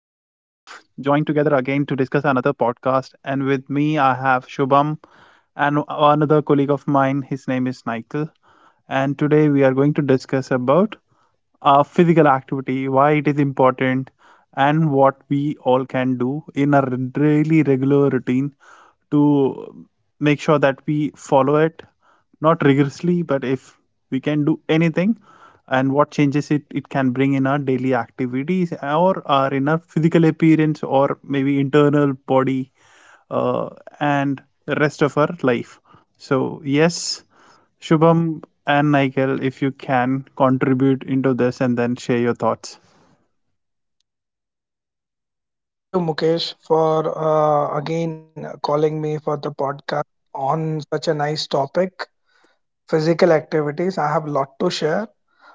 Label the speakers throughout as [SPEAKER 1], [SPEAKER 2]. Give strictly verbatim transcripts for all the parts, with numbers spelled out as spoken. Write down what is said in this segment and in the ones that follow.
[SPEAKER 1] joined together again to discuss another podcast, and with me, I have Shubham and another colleague of mine. His name is Nikhil, and today we are going to discuss about uh, physical activity, why it is important, and what we all can do in a really regular routine to make sure that we follow it not rigorously but if we can do anything and what changes it it can bring in our daily activities or our inner physical appearance or maybe internal body uh, and the rest of our life. So yes, Shubham and Nigel, if you can contribute into this and then share your thoughts.
[SPEAKER 2] Yeah, thank you, Mukesh, for uh, again calling me for the podcast on such a nice topic, physical activities. I have a lot to share.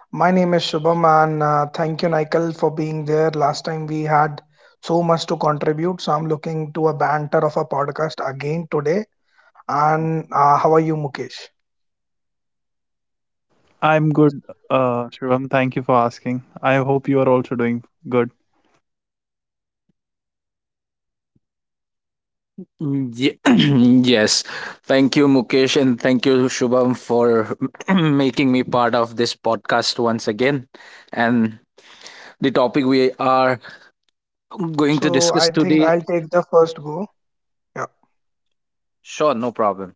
[SPEAKER 2] My name is Shubham, and uh, thank you, Nikhil, for being there. Last time we had so much to contribute, so I'm looking to a banter of a podcast again today. And uh, how are you, Mukesh?
[SPEAKER 1] I'm good. uh, Shubham, thank you for asking. I hope you are also doing good.
[SPEAKER 2] Yeah, I'm
[SPEAKER 3] Mm,
[SPEAKER 2] doing
[SPEAKER 3] ye-
[SPEAKER 2] good. Uh, I
[SPEAKER 3] Yes.
[SPEAKER 2] believe,
[SPEAKER 3] Thank
[SPEAKER 2] Nikhil,
[SPEAKER 3] you,
[SPEAKER 2] you are. How
[SPEAKER 3] Mukesh,
[SPEAKER 2] are you
[SPEAKER 3] and
[SPEAKER 2] doing?
[SPEAKER 3] thank you, Shubham,
[SPEAKER 2] Everything all
[SPEAKER 3] for
[SPEAKER 2] right?
[SPEAKER 3] making me part of this podcast once again. And
[SPEAKER 2] So I
[SPEAKER 3] the
[SPEAKER 2] think
[SPEAKER 3] topic we
[SPEAKER 2] Nikhil is
[SPEAKER 3] are
[SPEAKER 2] not able to hear me out.
[SPEAKER 3] going to
[SPEAKER 2] So
[SPEAKER 3] discuss
[SPEAKER 2] I think
[SPEAKER 3] today.
[SPEAKER 2] I'll take the first go. Yeah,
[SPEAKER 3] Sure, no problem.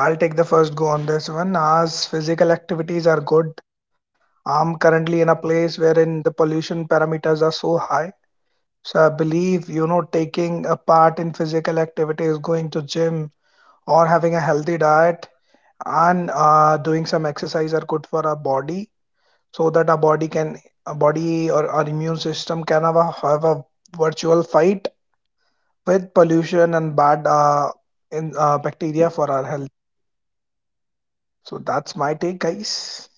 [SPEAKER 2] I'll take the first go on this one. As physical activities are good, I'm currently in a place wherein the pollution parameters are so high. So I believe, you know, taking a part in physical activities, going to gym, or having a healthy diet and uh, doing some exercise are good for our body so that our body can, our body or our immune system can have a, have a virtual fight with pollution and bad uh, in uh, bacteria for our health. So that's my take, guys.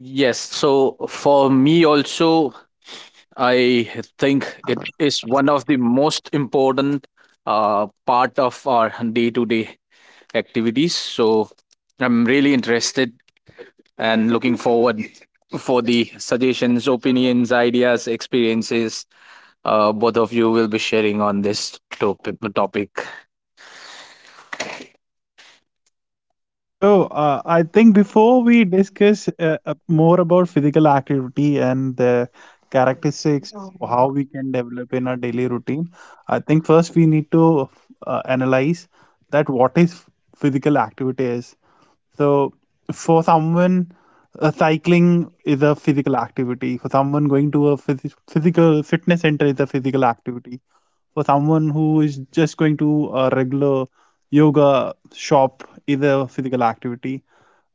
[SPEAKER 3] Yes. So, for me, also, I think it is one of the most important uh, part of our day to day activities. So, I'm really interested and looking forward for the suggestions, opinions, ideas, experiences uh, both of you will be sharing on this topic. topic.
[SPEAKER 1] So, uh, I think before we discuss uh, uh, more about physical activity and the characteristics, how we can develop in our daily routine, I think first we need to uh, analyze that what is physical activity is. So for someone, uh, cycling is a physical activity. For someone going to a phys- physical fitness center is a physical activity. For someone who is just going to a regular yoga shop is a physical activity.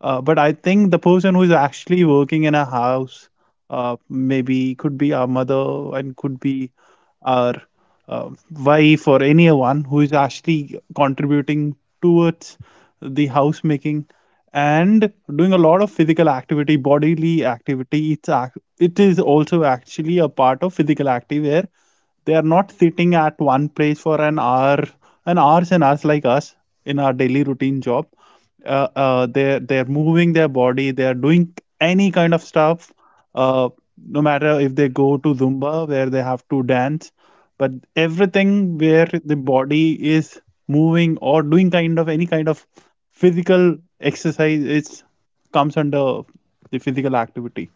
[SPEAKER 1] Uh, but I think the person who is actually working in a house, uh, maybe could be our mother and could be our uh, wife or anyone who is actually contributing towards the housemaking and doing a lot of physical activity bodily activity it's ac- it is also actually a part of physical activity where they are not sitting at one place for an hour an hours and hours like us in our daily routine job, uh, uh, they're they're moving their body. They're doing any kind of stuff, uh, no matter if they go to Zumba where they have to dance, but everything where the body is moving or doing kind of any kind of physical exercise it comes under the physical activity.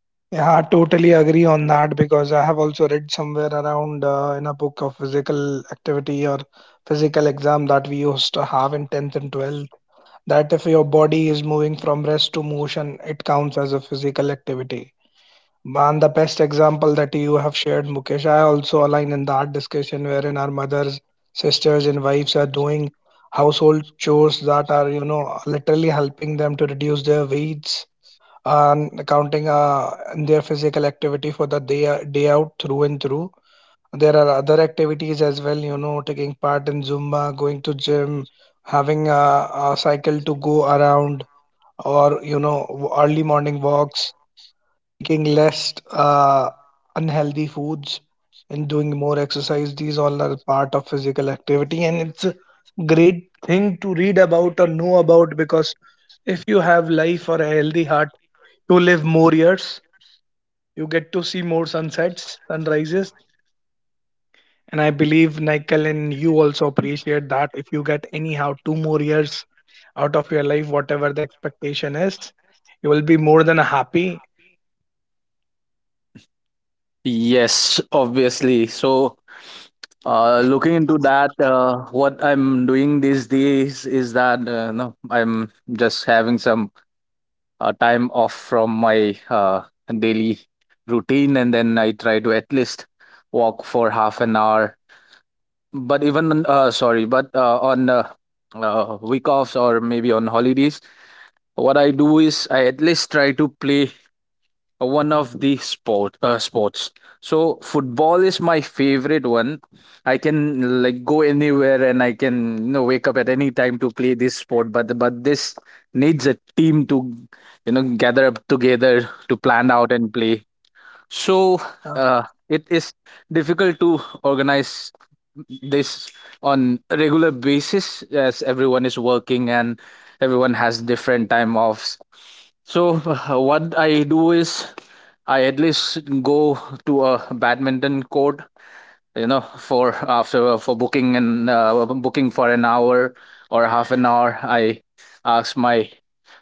[SPEAKER 2] Yeah, I totally agree on that because I have also read somewhere around uh, in a book of physical activity or physical exam that we used to have in tenth and twelfth, that if your body is moving from rest to motion, it counts as a physical activity. Man, the best example that you have shared, Mukesh. I also align in that discussion wherein our mothers, sisters, and wives are doing household chores that are, you know, literally helping them to reduce their weights and counting uh, in their physical activity for the day, day out, through and through. There are other activities as well, you know, taking part in Zumba, going to gym, having a, a cycle to go around, or, you know, early morning walks, taking less uh, unhealthy foods and doing more exercise. These all are part of physical activity, and it's a great thing to read about or know about because if you have life or a healthy heart, you live more years, you get to see more sunsets, sunrises, and I believe Nikhil and you also appreciate that if you get anyhow two more years out of your life, whatever the expectation is, you will be more than happy.
[SPEAKER 3] Yes, obviously. So, uh, looking into that, uh, what I'm doing these days is that uh, no, I'm just having some uh, time off from my uh, daily routine, and then I try to at least walk for half an hour. But even on uh, sorry, but uh, on uh, uh, week offs or maybe on holidays, what I do is I at least try to play one of the sport uh, sports. So football is my favorite one. I can like go anywhere, and I can you know wake up at any time to play this sport. But but this needs a team to you know gather up together to plan out and play. So uh, it is difficult to organize this on a regular basis, as everyone is working and everyone has different time offs. So uh, what I do is I at least go to a badminton court, you know for after for booking, and uh, booking for an hour or half an hour. I asked my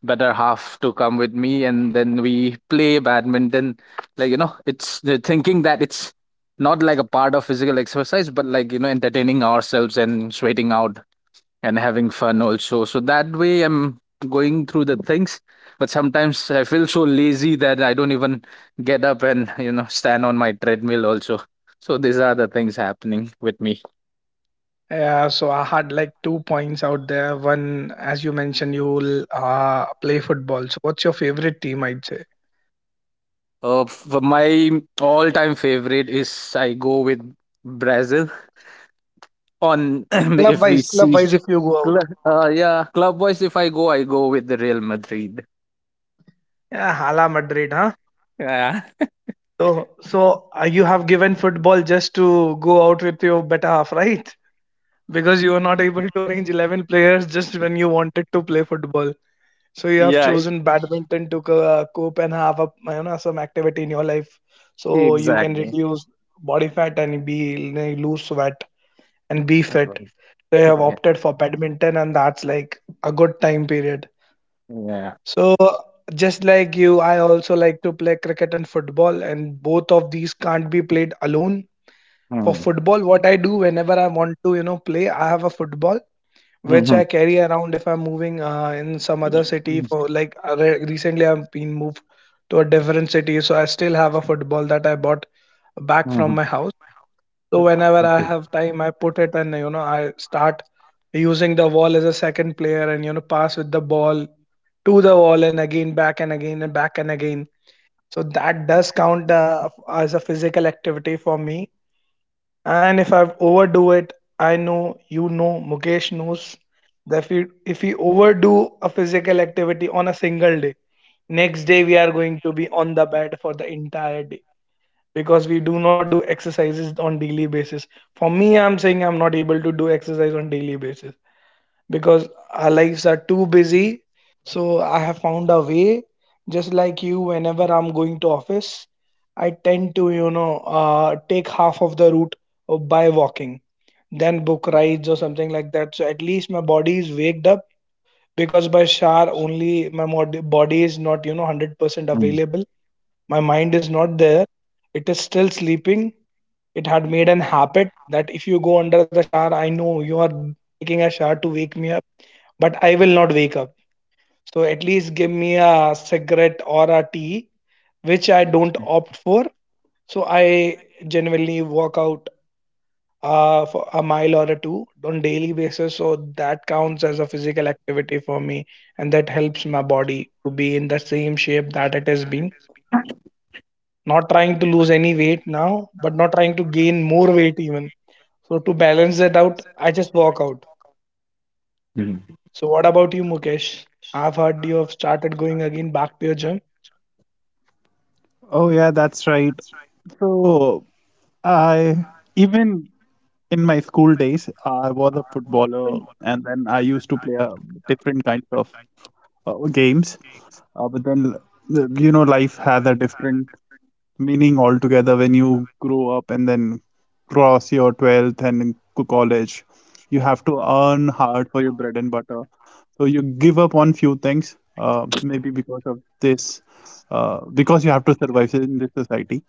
[SPEAKER 3] better half to come with me, and then we play badminton, like you know it's the thinking that it's not like a part of physical exercise, but like you know entertaining ourselves and sweating out and having fun also. So that way I'm going through the things. But sometimes I feel so lazy that I don't even get up and you know stand on my treadmill also. So these are the things happening with me.
[SPEAKER 2] Yeah, so I had like two points out there. One, as you mentioned, you uh, play football. So, what's your favorite team? I'd say.
[SPEAKER 3] Uh, for my all-time favorite is I go with Brazil on.
[SPEAKER 2] Club
[SPEAKER 3] If we
[SPEAKER 2] wise, club
[SPEAKER 3] see,
[SPEAKER 2] wise, if you go out.
[SPEAKER 3] cl- uh, yeah, club wise, if I go, I go with the Real Madrid.
[SPEAKER 2] Yeah, Hala Madrid, huh?
[SPEAKER 3] Yeah.
[SPEAKER 2] So, so uh, you have given football just to go out with your better half, right? Because you were not able to arrange eleven players just when you wanted to play football. So you have
[SPEAKER 3] Yeah.
[SPEAKER 2] chosen badminton to co- uh, cope and have a, you know, some activity in your life. So you can
[SPEAKER 3] Exactly.
[SPEAKER 2] reduce body fat and be lose weight. And be fit. They have
[SPEAKER 3] Yeah.
[SPEAKER 2] opted for badminton, and that's like a good time period.
[SPEAKER 3] Yeah.
[SPEAKER 2] So, just like you, I also like to play cricket and football, and both of these can't be played alone. For
[SPEAKER 3] Mhm.
[SPEAKER 2] football, what I do whenever I want to, you know, play, I have a football which
[SPEAKER 3] Mhm.
[SPEAKER 2] I carry around if I'm moving uh, in some other city.
[SPEAKER 3] Mhm.
[SPEAKER 2] For like uh, re- recently, I've been moved to a different city, so I still have a football that I bought back from
[SPEAKER 3] Mhm.
[SPEAKER 2] my house. So whenever I
[SPEAKER 3] Okay.
[SPEAKER 2] have time, I put it and, you know, I start using the wall as a second player, and you know, pass with the ball to the wall and again back and again and back and again. So that does count uh, as a physical activity for me. And if I overdo it, I know, you know, Mukesh knows that if you if we overdo a physical activity on a single day, next day we are going to be on the bed for the entire day, because we do not do exercises on daily basis. For me, I'm saying, I'm not able to do exercise on daily basis because our lives are too busy. So I have found a way, just like you. Whenever I'm going to office, I tend to, you know, uh, take half of the route by walking, then book rides or something like that, so at least my body is waked up, because by shower only my mod- body is not, you know, one hundred percent
[SPEAKER 3] Mm.
[SPEAKER 2] available. My mind is not there, it is still sleeping. It had made an habit that if you go under the shower, I know you are taking a shower to wake me up, but I will not wake up. So at least give me a cigarette or a tea, which I don't opt for. So I generally walk out uh, for a mile or a two on daily basis. So that counts as a physical activity for me, and that helps my body to be in the same shape that it has been. Not trying to lose any weight now, but not trying to gain more weight even. So to balance that out, I just walk out. So what about you, Mukesh? I've heard you have started going again back to your gym.
[SPEAKER 1] Oh yeah, that's right. So I, even in my school days, I was a footballer, and then I used to play uh, different kinds of uh, games. Uh, but then uh, You know, life has a different meaning altogether when you grow up and then cross your twelfth and co- college. You have to earn hard for your bread and butter, so you give up on few things, uh, maybe because of this, uh, because you have to survive in this society.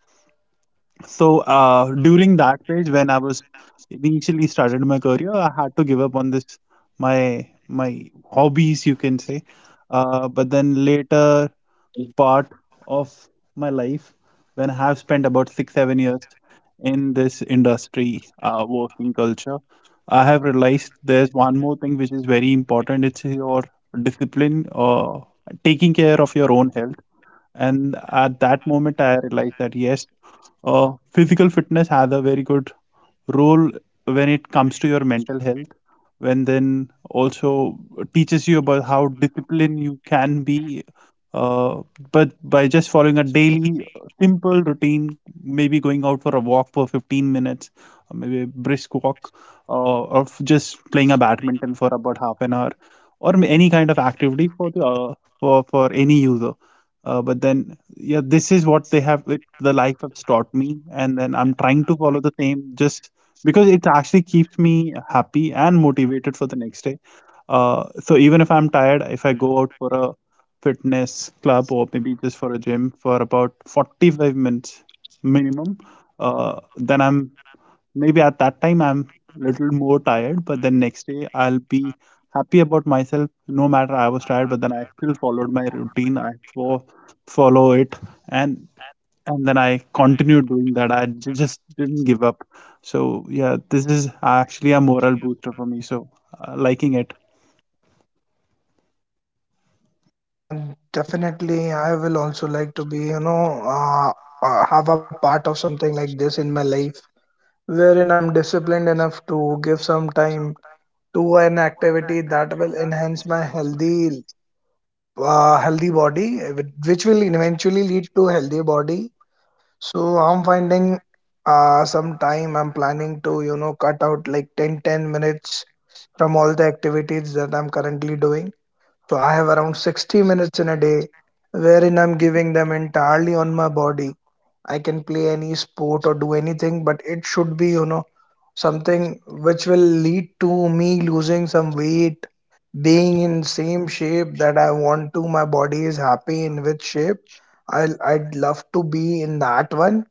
[SPEAKER 1] So uh, during that phase, when I was initially started my career, I had to give up on this, my my hobbies, you can say. Uh, but then later part of my life, when I have spent about six seven years in this industry, uh, working culture, I have realized there's one more thing which is very important. It's your discipline or taking care of your own health. And at that moment, I realized that yes. Uh, physical fitness has a very good role when it comes to your mental health, when then also teaches you about how disciplined you can be. Uh, but by just following a daily uh, simple routine, maybe going out for a walk for fifteen minutes, or maybe a brisk walk, uh, or f- just playing a badminton for about half an hour, or m- any kind of activity for the uh, for for any user. Uh, but then, yeah, this is what they have, it, the life has taught me. And then I'm trying to follow the same just because it actually keeps me happy and motivated for the next day. Uh, so even if I'm tired, if I go out for a fitness club or maybe just for a gym for about forty-five minutes minimum, uh, then I'm, maybe at that time I'm a little more tired, but then next day I'll be happy about myself. No matter I was tired, but then I still followed my routine. I fo- follow it, and and then I continued doing that. I j- just didn't give up. So yeah, this is actually a moral booster for me. So uh, liking it.
[SPEAKER 2] Yeah, definitely. I will also like to be, you know, uh, uh, have a part of something like this in my life, wherein I'm disciplined enough to give some time to an activity that will enhance my healthy, uh, healthy body, uh, which will eventually lead to healthy body. So I'm finding uh, some time. I'm planning to, you know, cut out like ten ten minutes from all the activities that I'm currently doing. So I have around sixty minutes in a day wherein I'm giving them entirely on my body. I can play any sport or do anything, but it should be, you know, something which will lead to me losing some weight, being in same shape that I want to, my body is happy in which shape. I'll, I'd love to be in that one.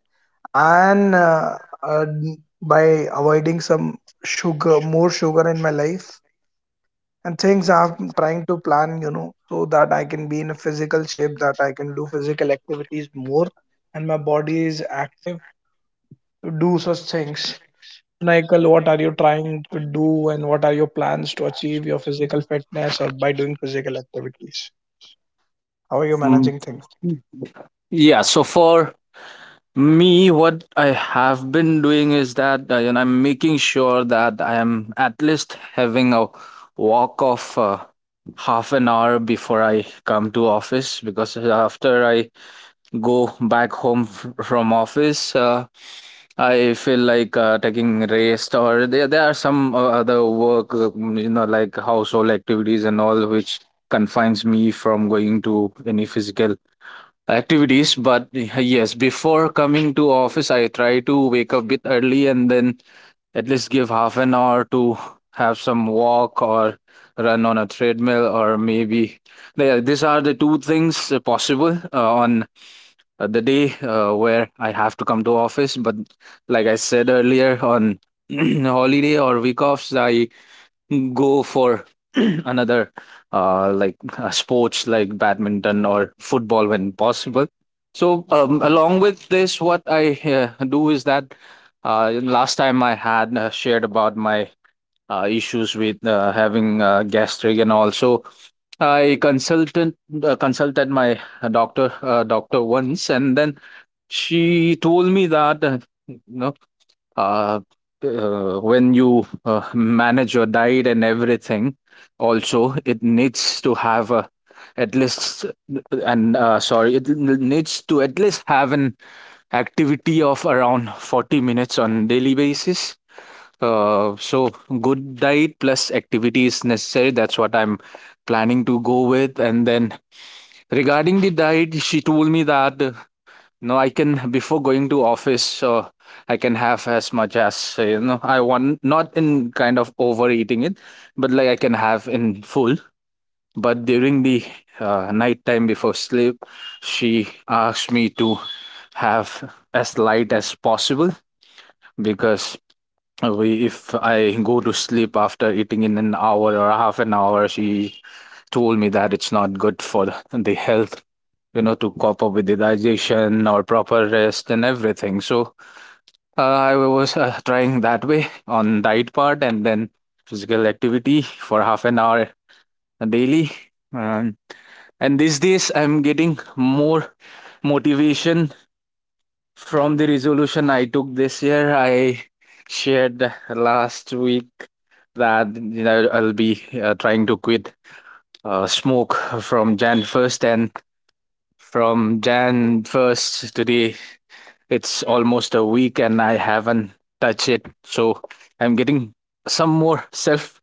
[SPEAKER 2] And uh, uh, by avoiding some sugar, more sugar in my life, and things, I'm trying to plan, you know, so that I can be in a physical shape that I can do physical activities more and my body is active to do such things. Michael, what are you trying to do and what are your plans to achieve your physical fitness or by doing physical activities? How are you managing things?
[SPEAKER 3] Mm. Yeah, so for me, what I have been doing is that uh, you know, I'm making sure that I am at least having a walk of uh, half an hour before I come to office, because uh, after I go back home f- from office, uh, I feel like uh, taking rest, or there, there are some uh, other work, uh, mm, you know, like household activities and all, which confines me from going to any physical activities. But uh, yes, before coming to office, I try to wake up bit early and then at least give half an hour to have some walk or run on a treadmill, or maybe yeah, these are the two things uh, possible uh, on uh, the day uh, where I have to come to office. But like I said earlier, on holiday or week offs, I go for another uh, like uh, sports like badminton or football when possible. So um, along with this, what I uh, do is that uh, last time I had uh, shared about my uh, issues with uh, having uh, gastric, and also I consulted uh, consulted my uh, doctor uh, doctor once, and then she told me that uh, you know uh, uh, when you uh, manage your diet and everything, also it needs to have a at least, and uh, sorry, it needs to at least have an activity of around forty minutes on daily basis. Uh, so good diet plus activity is necessary. That's what I'm planning to go with. And then regarding the diet, she told me that uh, no, I can before going to office, uh, I can have as much as uh, you know I want, not in kind of overeating it, but like I can have in full. But during the uh, night time before sleep, she asked me to have as light as possible, because we, if I go to sleep after eating in an hour or half an hour, she told me that it's not good for the the health, you know to cope up with the digestion or proper rest and everything. So uh, I was uh, trying that way on diet part, and then physical activity for half an hour daily. And, and these days, I'm getting more motivation from the resolution I took this year. I shared last week that you know, I'll be uh, trying to quit uh, smoke from January first, and from January first today, it's almost a week and I haven't touched it. So I'm getting some more self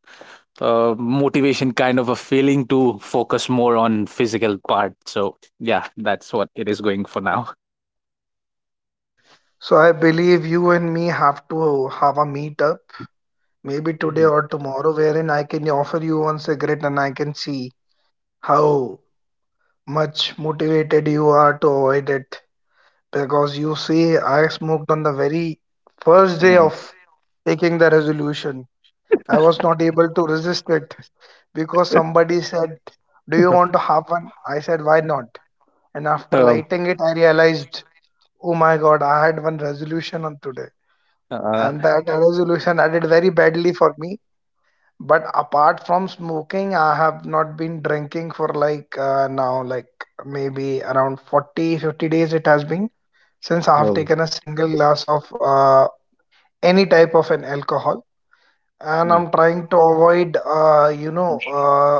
[SPEAKER 3] uh, motivation, kind of a feeling to focus more on physical part. So yeah, that's what it is going for now.
[SPEAKER 2] So I believe you and me have to have a meetup maybe today or tomorrow, wherein I can offer you one cigarette and I can see how much motivated you are to avoid it. Because you see, I smoked on the very first day of taking the resolution. I was not able to resist it because somebody said, "Do you want to have one?" I said, "Why not?" And after
[SPEAKER 3] Yeah. Um,
[SPEAKER 2] lighting it, I realized, oh my god, I had one resolution on today.
[SPEAKER 3] uh,
[SPEAKER 2] And that resolution I did very badly for me. But apart from smoking, I have not been drinking for like uh, now, like maybe around forty, fifty days it has been since I have
[SPEAKER 3] Well,
[SPEAKER 2] taken a single glass of uh, any type of an alcohol, and
[SPEAKER 3] yeah.
[SPEAKER 2] I'm trying to avoid, uh, you know, uh,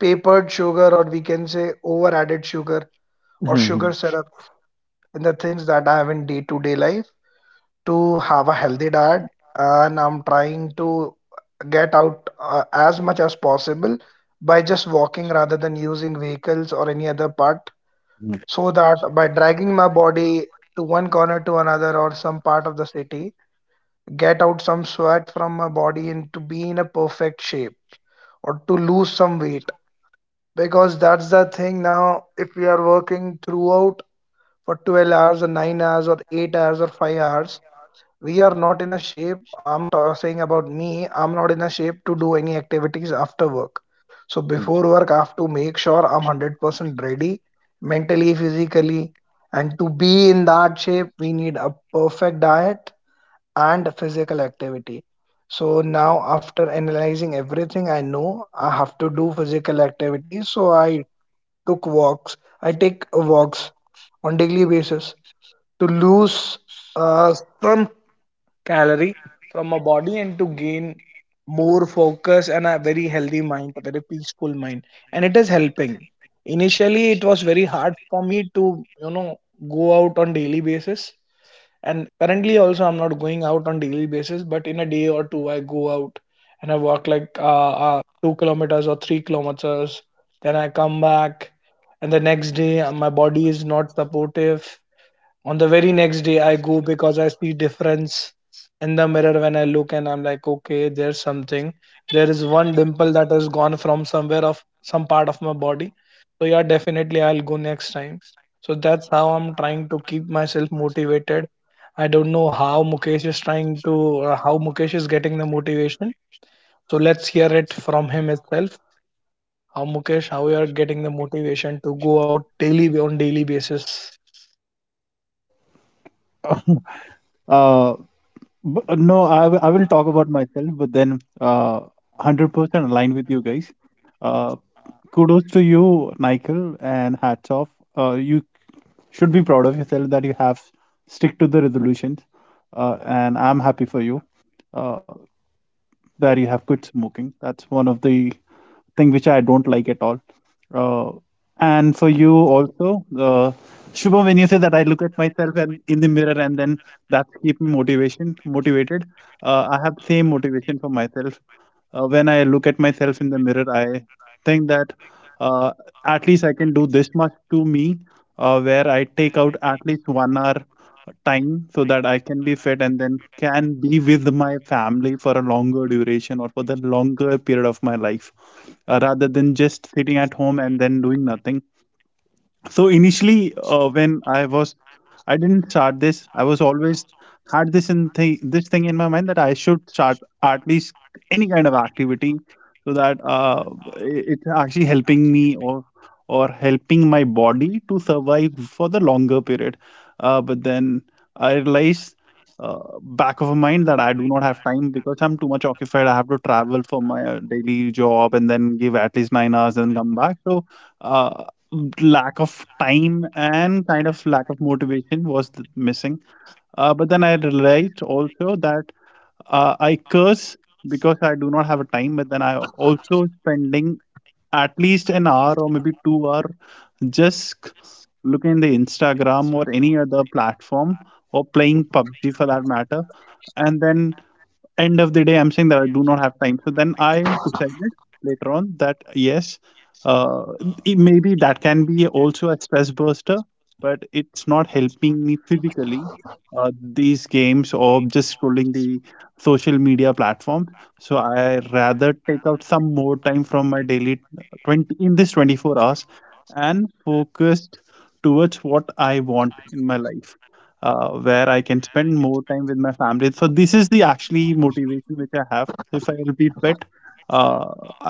[SPEAKER 2] papered sugar, or we can say over added sugar or sugar
[SPEAKER 3] Mhm.
[SPEAKER 2] syrup in the things that I have in day to day life, to have a healthy diet. And I'm trying to get out uh, as much as possible by just walking rather than using vehicles or any other part, so that by dragging my body to one corner to another or some part of the city, get out some sweat from my body and to be in a perfect shape or to lose some weight. Because that's the thing, now if we are working throughout for twelve hours or nine hours or eight hours or five hours, we are not in a shape. I'm ta- saying about me, I'm not in a shape to do any activities after work. So before work, I have to make sure I'm one hundred percent ready, mentally, physically. And to be in that shape, we need a perfect diet and physical activity. So now, after analyzing everything I know, I have to do physical activity. So I took walks. I take walks on daily basis to lose uh, some calorie from my body and to gain more focus and a very healthy mind, a very peaceful mind. And it is helping. Initially, it was very hard for me to, you know, go out on daily basis, and currently also I'm not going out on daily basis, but in a day or two I go out and I walk like uh, uh, two kilometers or three kilometers. Then I come back, and the next day uh, my body is not supportive. On the very next day, I go because I see difference in the mirror when I look, and I'm like, okay, there's something. There is one dimple that has gone from somewhere of some part of my body. So yeah, definitely I'll go next time. So that's how I'm trying to keep myself motivated. I don't know how Mukesh is trying to, uh, how Mukesh is getting the motivation. So let's hear it from him itself. How Mukesh, how you are getting the motivation to go out daily on daily basis?
[SPEAKER 1] Uh, But, uh, no, I, w- I will talk about myself, but then uh, one hundred percent aligned with you guys. Uh, Kudos to you, Nikhil, and hats off. Uh, you should be proud of yourself that you have stick to the resolutions, uh, and I'm happy for you. Uh, where you have quit smoking. That's one of the thing which I don't like at all. Uh, and for you also, uh, Shubham, when you say that I look at myself and in the mirror and then that keep me motivation motivated. Uh, I have the same motivation for myself. Uh, when I look at myself in the mirror, I think that uh, at least I can do this much to me, uh, where I take out at least one hour time so that I can be fit and then can be with my family for a longer duration or for the longer period of my life, uh, rather than just sitting at home and then doing nothing. So initially, uh, when I was, I didn't start this, I was always had this in thi- this thing in my mind that I should start at least any kind of activity so that uh, i- it's actually helping me or or helping my body to survive for the longer period. Uh, but then I realized, uh, back of my mind, that I do not have time because I'm too much occupied. I have to travel for my uh, daily job and then give at least nine hours and come back. So, uh, lack of time and kind of lack of motivation was th- missing. Uh, but then I realized also that uh, I curse because I do not have a time, but then I also spending at least an hour or maybe two hour just looking in the Instagram or any other platform or playing PUBG for that matter, and then end of the day I'm saying that I do not have time. So then I decided later on that yes, uh, it, maybe that can be also a stress burster, but it's not helping me physically, uh, these games or just scrolling the social media platforms. So I rather take out some more time from my daily twenty in this twenty-four hours and focused towards what I want in my life, uh, where I can spend more time with my family. So this is the actually motivation which I have. If I'll be fit, uh,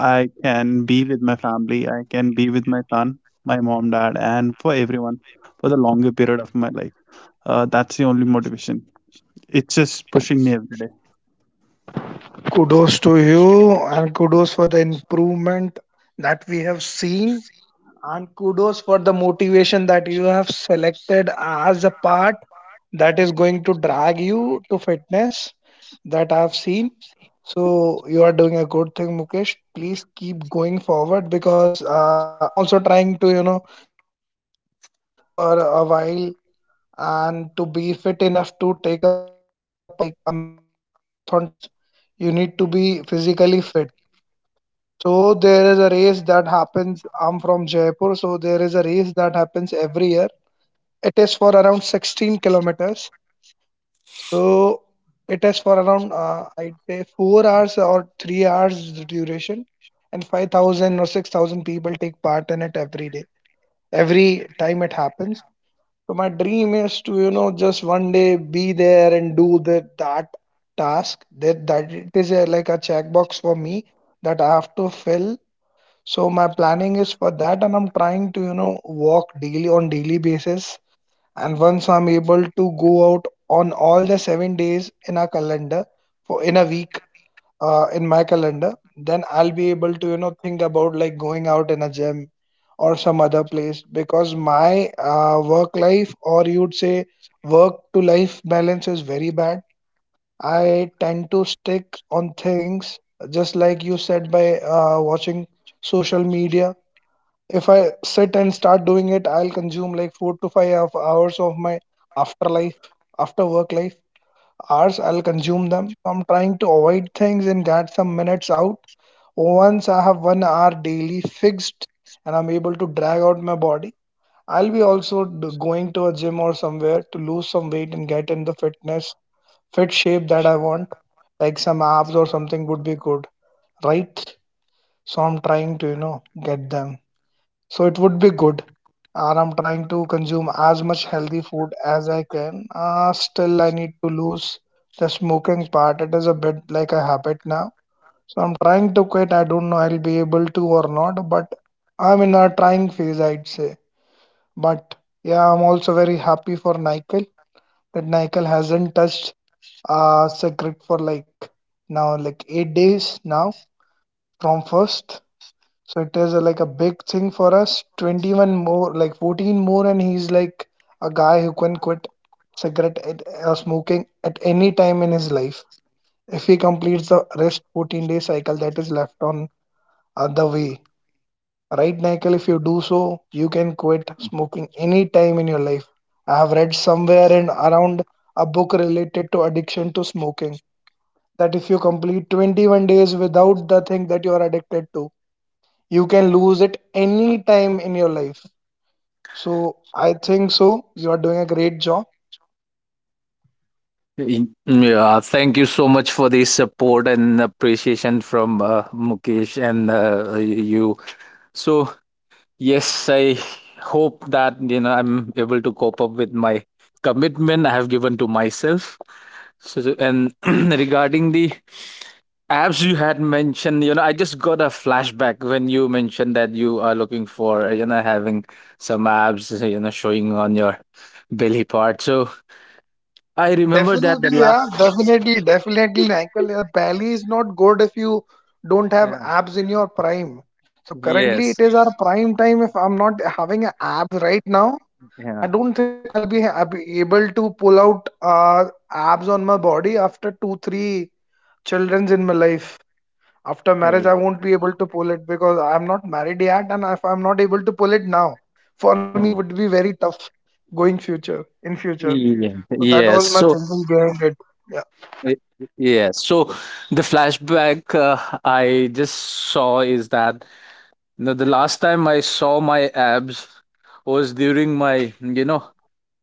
[SPEAKER 1] I can be with my family, I can be with my son, my mom dad and for everyone, for the longer period of my life. Uh, that's the only motivation. It's just pushing me every day.
[SPEAKER 2] Kudos to you, and kudos for the improvement that we have seen, and kudos for the motivation that you have selected as a part that is going to drag you to fitness that I've seen. So, you are doing a good thing, Mukesh. Please keep going forward because uh, I'm also trying to, you know, go in a race for a while, and to be fit enough to take a part in like a marathon type of a race, you need to be physically fit. So there is a race that happens. I'm from Jaipur, so there is a race that happens every year. It is for around sixteen kilometers. So it is for around uh, I'd say four hours or three hours the duration, and five thousand or six thousand people take part in it every day, every time it happens. So my dream is to, you know, just one day be there and do the that task. That that it is a, like a checkbox for me that I have to fill. So my planning is for that, and I'm trying to, you know, walk daily on daily basis. And once I'm able to go out on all the seven days in a calendar for in a week, uh, in my calendar, then I'll be able to, you know, think about like going out in a gym or some other place because my uh, work life, or you'd say work to life balance, is very bad. I tend to stick on things just like you said by uh, watching social media. If I sit and start doing it, I'll consume like four to five hou- hours of my afterlife, after work life hours. I'll consume them. I'm trying to avoid things and get some minutes out. Once I have one hour daily fixed and I'm able to drag out my body, I'll be also d- going to a gym or somewhere to lose some weight and get in the fitness, fit shape that I want. Like some abs or something would be good, right? So I'm trying to, you know, get them. So it would be good. And I'm trying to consume as much healthy food as I can. Uh, still, I need to lose the smoking part. It is a bit like a habit now, so I'm trying to quit. I don't know I'll be able to or not, but I'm in a trying phase, I'd say. But yeah, I'm also very happy for Nikhil, that Nikhil hasn't touched uh secret for like now like eight days now from first. So it is a, like a big thing for us. twenty-one more, like fourteen more, and he's like a guy who can quit cigarette at, uh, smoking at any time in his life if he completes the rest fourteen day cycle that is left on uh, the way. Right, Nikhil, if you do so, you can quit smoking any time in your life. I have read somewhere and around a book related to addiction to smoking that if you complete twenty-one days without the thing that you are addicted to, you can lose it any time in your life. So I think so. You are doing a great job.
[SPEAKER 3] Y- Yeah, thank you so much for the support and appreciation from uh, Mukesh and uh, you. So, yes, I hope that you know I'm able to cope up with my commitment I have given to myself. So so- and regarding the apps you had mentioned, you know, I just got a flashback when you mentioned that you are looking for you know having some abs, you know showing on your belly part. So I remember that the
[SPEAKER 2] Definitely, yeah,
[SPEAKER 3] last.
[SPEAKER 2] definitely, definitely, Michael. Yeah, Pally is not good if you don't have
[SPEAKER 3] Yeah.
[SPEAKER 2] abs in your prime. So currently,
[SPEAKER 3] Yes.
[SPEAKER 2] it is our prime time. If I'm not having an app right now, I
[SPEAKER 3] Yeah.
[SPEAKER 2] don't think so. I'll be ab- able to pull out uh, abs on my body after two, three childrens in my life. After marriage, I won't be able to pull it because I'm not married yet, and if I'm not able to pull it now, for me it
[SPEAKER 3] Mm.
[SPEAKER 2] would be very tough going future in future.
[SPEAKER 3] Yeah.
[SPEAKER 2] So that
[SPEAKER 3] Yes.
[SPEAKER 2] was my
[SPEAKER 3] So.
[SPEAKER 2] thinking behind it. Yeah.
[SPEAKER 3] Y- y- Yeah, so the flashback uh, I just saw is that you know, the last time I saw my abs was during my, you know,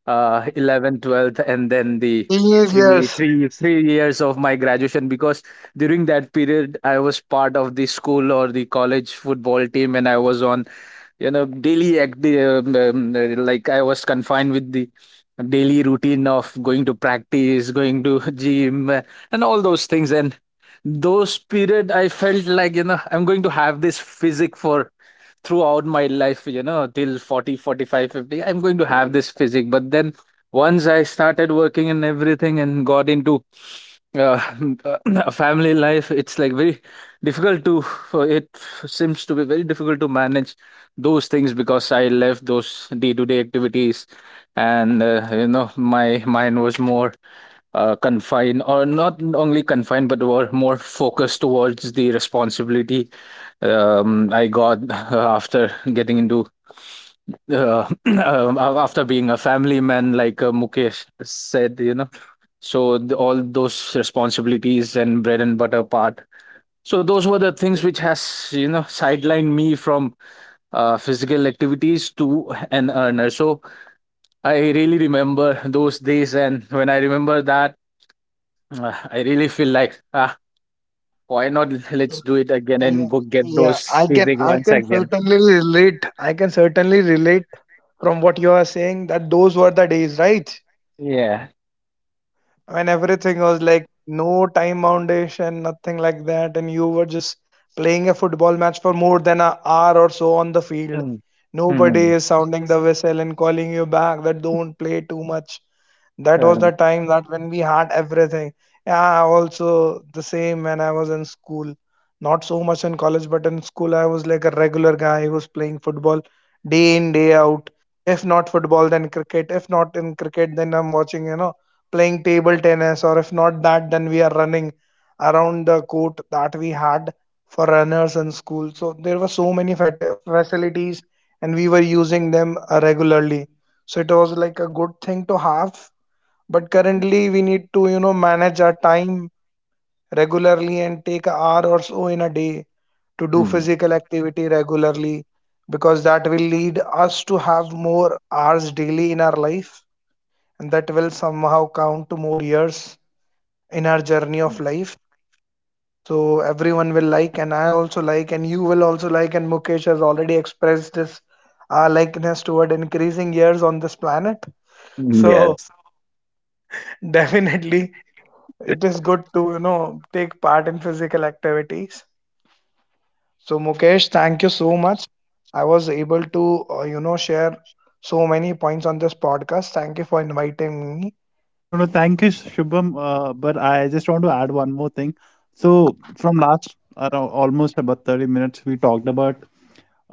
[SPEAKER 3] uh, eleventh, twelfth, and then the
[SPEAKER 2] Yes,
[SPEAKER 3] three,
[SPEAKER 2] yes.
[SPEAKER 3] three, three years of my graduation, because during that period I was part of the school or the college football team, and I was on you know daily act, um, um, like I was confined with the daily routine of going to practice, going to gym, uh, and all those things. And those period I felt like you know I'm going to have this physic for throughout my life, you know till forty, forty-five, fifty. I'm going to have this physic, but then once I started working and everything and got into uh, a family life, it's like very difficult to, for it seems to be very difficult to manage those things, because I left those day to day activities. And, uh, you know, my mind was more uh, confined, or not only confined but were more focused towards the responsibility. um, I got after getting into uh, um, after being a family man, like uh, Mukesh said, you know so the, all those responsibilities and bread and butter part, so those were the things which has you know sidelined me from uh, physical activities to an earner. So I really remember those days, and when I remember that uh, I really feel like, ah, why not, let's do it again
[SPEAKER 2] Yeah,
[SPEAKER 3] and go get
[SPEAKER 2] yeah.
[SPEAKER 3] those
[SPEAKER 2] I can
[SPEAKER 3] physics
[SPEAKER 2] I
[SPEAKER 3] once
[SPEAKER 2] can
[SPEAKER 3] again.
[SPEAKER 2] certainly relate. I can certainly relate from what you are saying that those were the days, right?
[SPEAKER 3] Yeah.
[SPEAKER 2] When everything was like no time foundation, nothing like that, and you were just playing a football match for more than an hour or so on the field.
[SPEAKER 3] Mm.
[SPEAKER 2] Nobody
[SPEAKER 3] Mm.
[SPEAKER 2] is sounding the whistle and calling you back that don't play too much. That was
[SPEAKER 3] Uh,
[SPEAKER 2] the time that when we had everything. Yeah, also the same when I was in school. Not so much in college, but in school I was like a regular guy who was playing football day in, day out. If not football, then cricket. If not in cricket, then I'm watching, you know, playing table tennis, or if not that, then we are running around the court that we had for runners in school. So there were so many fat- facilities, and we were using them uh, regularly. So it was like a good thing to have. But currently, we need to, you know, manage our time regularly and take an hour or so in a day to do
[SPEAKER 3] mm.
[SPEAKER 2] physical activity regularly, because that will lead us to have more hours daily in our life, and that will somehow count to more years in our journey of life. So everyone will like, and I also like, and you will also like. And Mukesh has already expressed this uh, likeness toward increasing years on this planet.
[SPEAKER 3] Yeah.
[SPEAKER 2] So definitely, it is good to you know take part in physical activities. So Mukesh, thank you so much. I was able to uh, you know share so many points on this podcast. Thank you for inviting me.
[SPEAKER 1] No, no, thank you, Shubham. Uh, but I just want to add one more thing. So, from last around almost about thirty minutes, we talked about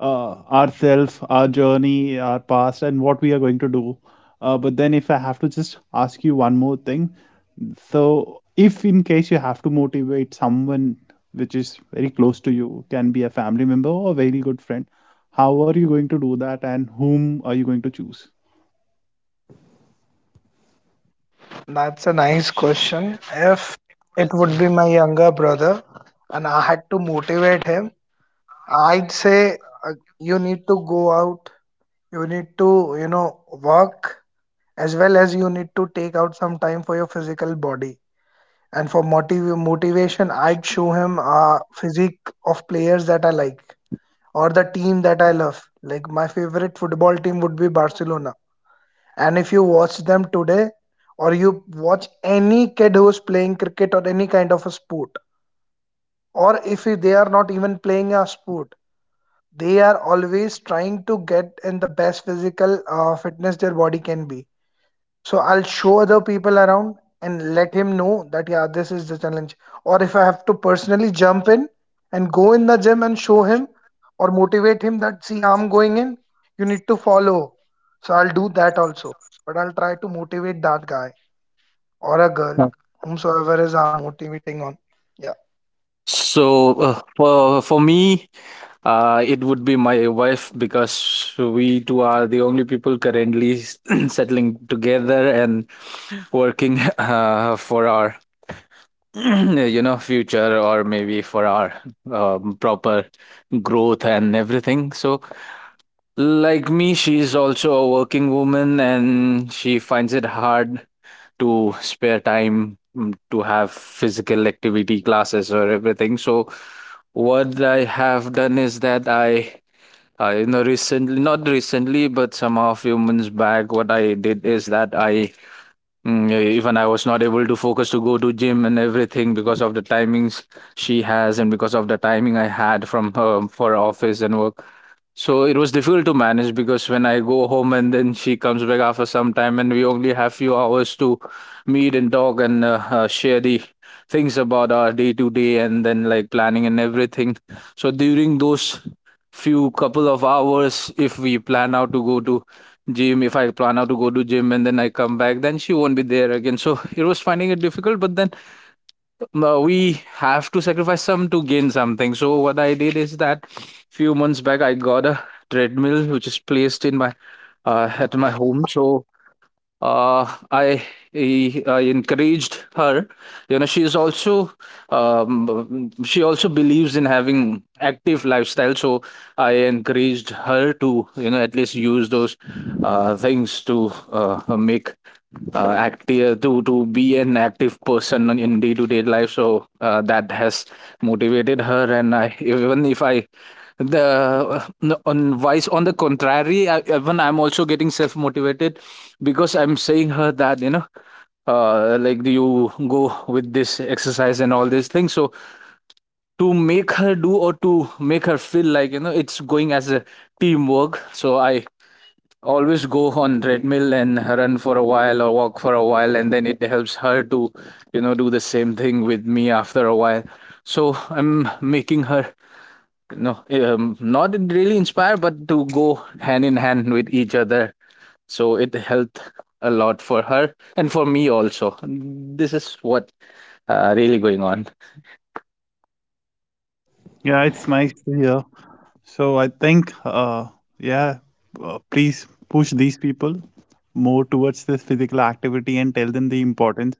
[SPEAKER 1] uh, ourself, our journey, our past, and what we are going to do. Uh, but then, if I have to just ask you one more thing, so if in case you have to motivate someone which is very close to you, can be a family member or a very good friend, how are you going to do that, and whom are you going to choose?
[SPEAKER 2] That's a nice question. If it would be my younger brother and I had to motivate him, I'd say uh, you need to go out, you need to, you know, work as well as you need to take out some time for your physical body. And for motiv- motivation, I'd show him a physique of players that I like or the team that I love. Like my favorite football team would be Barcelona. And if you watch them today, or you watch any kid who's playing cricket or any kind of a sport, or if they are not even playing a sport, they are always trying to get in the best physical uh, fitness their body can be. So I'll show other people around and let him know that yeah, this is the challenge. Or if I have to personally jump in and go in the gym and show him or motivate him that see, I'm going in, you need to follow. So I'll do that also. But I'll try to motivate that guy or a girl, whomsoever is I'm motivating on. Yeah.
[SPEAKER 3] So uh, for for me, uh, it would be my wife, because we two are the only people currently settling together and working uh, for our you know future, or maybe for our um, proper growth and everything. So like me, she's also a working woman, and she finds it hard to spare time, mm, to have physical activity classes or everything. So what I have done is that I, uh, you know, recently, not recently, but somehow a few months back, what I did is that I, mm, even I was not able to focus to go to gym and everything, because of the timings she has and because of the timing I had from her for office and work. So it was difficult to manage, because when I go home and then she comes back after some time, and we only have few hours to meet and talk, and uh, uh, share the things about our day to day and then like planning and everything. So during those few couple of hours, if we plan out to go to gym, if I plan out to go to gym and then I come back, then she won't be there again. So it was finding it difficult, but then uh, we have to sacrifice some to gain something. So what I did is that few months back I got a treadmill, which is placed in my uh, at my home. So uh, I, I I encouraged her. You know, she is also um, she also believes in having active lifestyle. So I encouraged her to you know at least use those uh, things to uh, make uh, active, to to be an active person on- in day to day life. So uh, that has motivated her, and I even if I the on vice on the contrary I, even I'm also getting self motivated, because I'm saying her that you know, uh, like, do you go with this exercise and all these things? So to make her do or to make her feel like you know it's going as a teamwork. So I always go on treadmill and run for a while or walk for a while, and then it helps her to you know do the same thing with me after a while. So I'm making her you know um, not really inspired, but to go hand in hand with each other, so it helped a lot for her, and for me also this is what uh, really going on.
[SPEAKER 1] Yeah, it's nice to hear. So I think, uh, yeah, uh, please push these people more towards this physical activity and tell them the importance,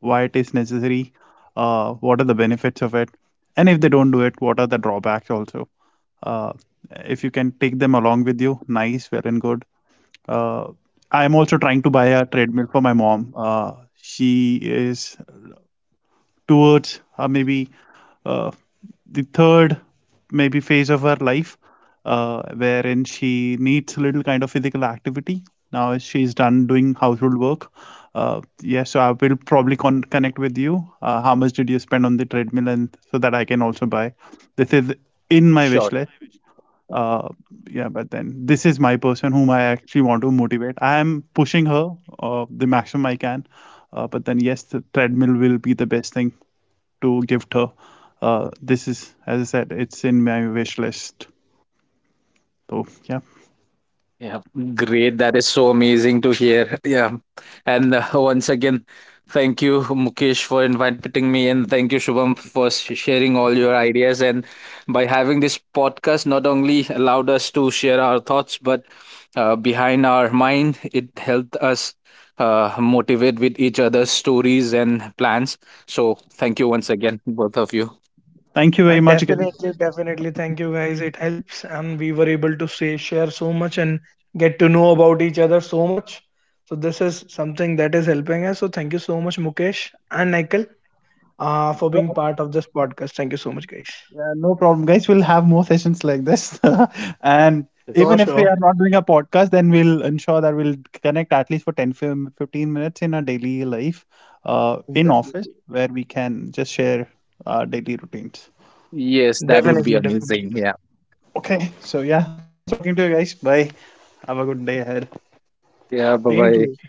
[SPEAKER 1] why it is necessary, uh, what are the benefits of it, and if they don't do it, what are the drawbacks also. Uh, if you can take them along with you, nice, well and good. Uh, I'm also trying to buy a treadmill for my mom. Uh, she is towards uh, maybe uh, the third maybe phase of her life, uh, wherein she needs a little kind of physical activity now as she's done doing household work. Uh, yeah, so I will probably con- connect with you, uh, how much did you spend on the treadmill, and so that I can also buy. This is in my wish
[SPEAKER 3] Sure.
[SPEAKER 1] list. uh, yeah, but then this is my person whom I actually want to motivate. I am pushing her uh, the maximum I can, uh, but then yes, the treadmill will be the best thing to gift her. Uh, this is, as I said, it's in my wish list. So, yeah.
[SPEAKER 3] Yeah, great. That is so amazing to hear. Yeah. And uh, once again, thank you, Mukesh, for inviting me. And thank you, Shubham, for sh- sharing all your ideas. And by having this podcast, not only allowed us to share our thoughts, but uh, behind our mind, it helped us uh, motivate with each other's stories and plans. So thank you once again, both of you.
[SPEAKER 1] Thank you
[SPEAKER 2] Uh,
[SPEAKER 1] very much again.
[SPEAKER 2] definitely, definitely. Thank you guys. It helps, and we were able to say share so much and get to know about each other so much. So this is something that is helping us. So thank you so much, Mukesh and Nikhil, uh, for
[SPEAKER 1] Uh,
[SPEAKER 2] being part of this podcast. Thank you so much, guys.
[SPEAKER 1] no problem, guys. We'll have more sessions like this. And
[SPEAKER 2] Sure,
[SPEAKER 1] even if we
[SPEAKER 2] sure.
[SPEAKER 1] are not doing a podcast, then we'll ensure that we'll connect at least for ten, fifteen minutes in our daily life, uh, in office
[SPEAKER 2] Definitely,
[SPEAKER 1] where we can just share our daily routines.
[SPEAKER 3] Yes, that would be
[SPEAKER 2] definitely, definitely.
[SPEAKER 3] amazing. Yeah.
[SPEAKER 1] Okay. So, yeah. Nice talking to you guys. Bye. Have a good day ahead.
[SPEAKER 3] Yeah. Bye
[SPEAKER 2] Same to you.
[SPEAKER 3] bye.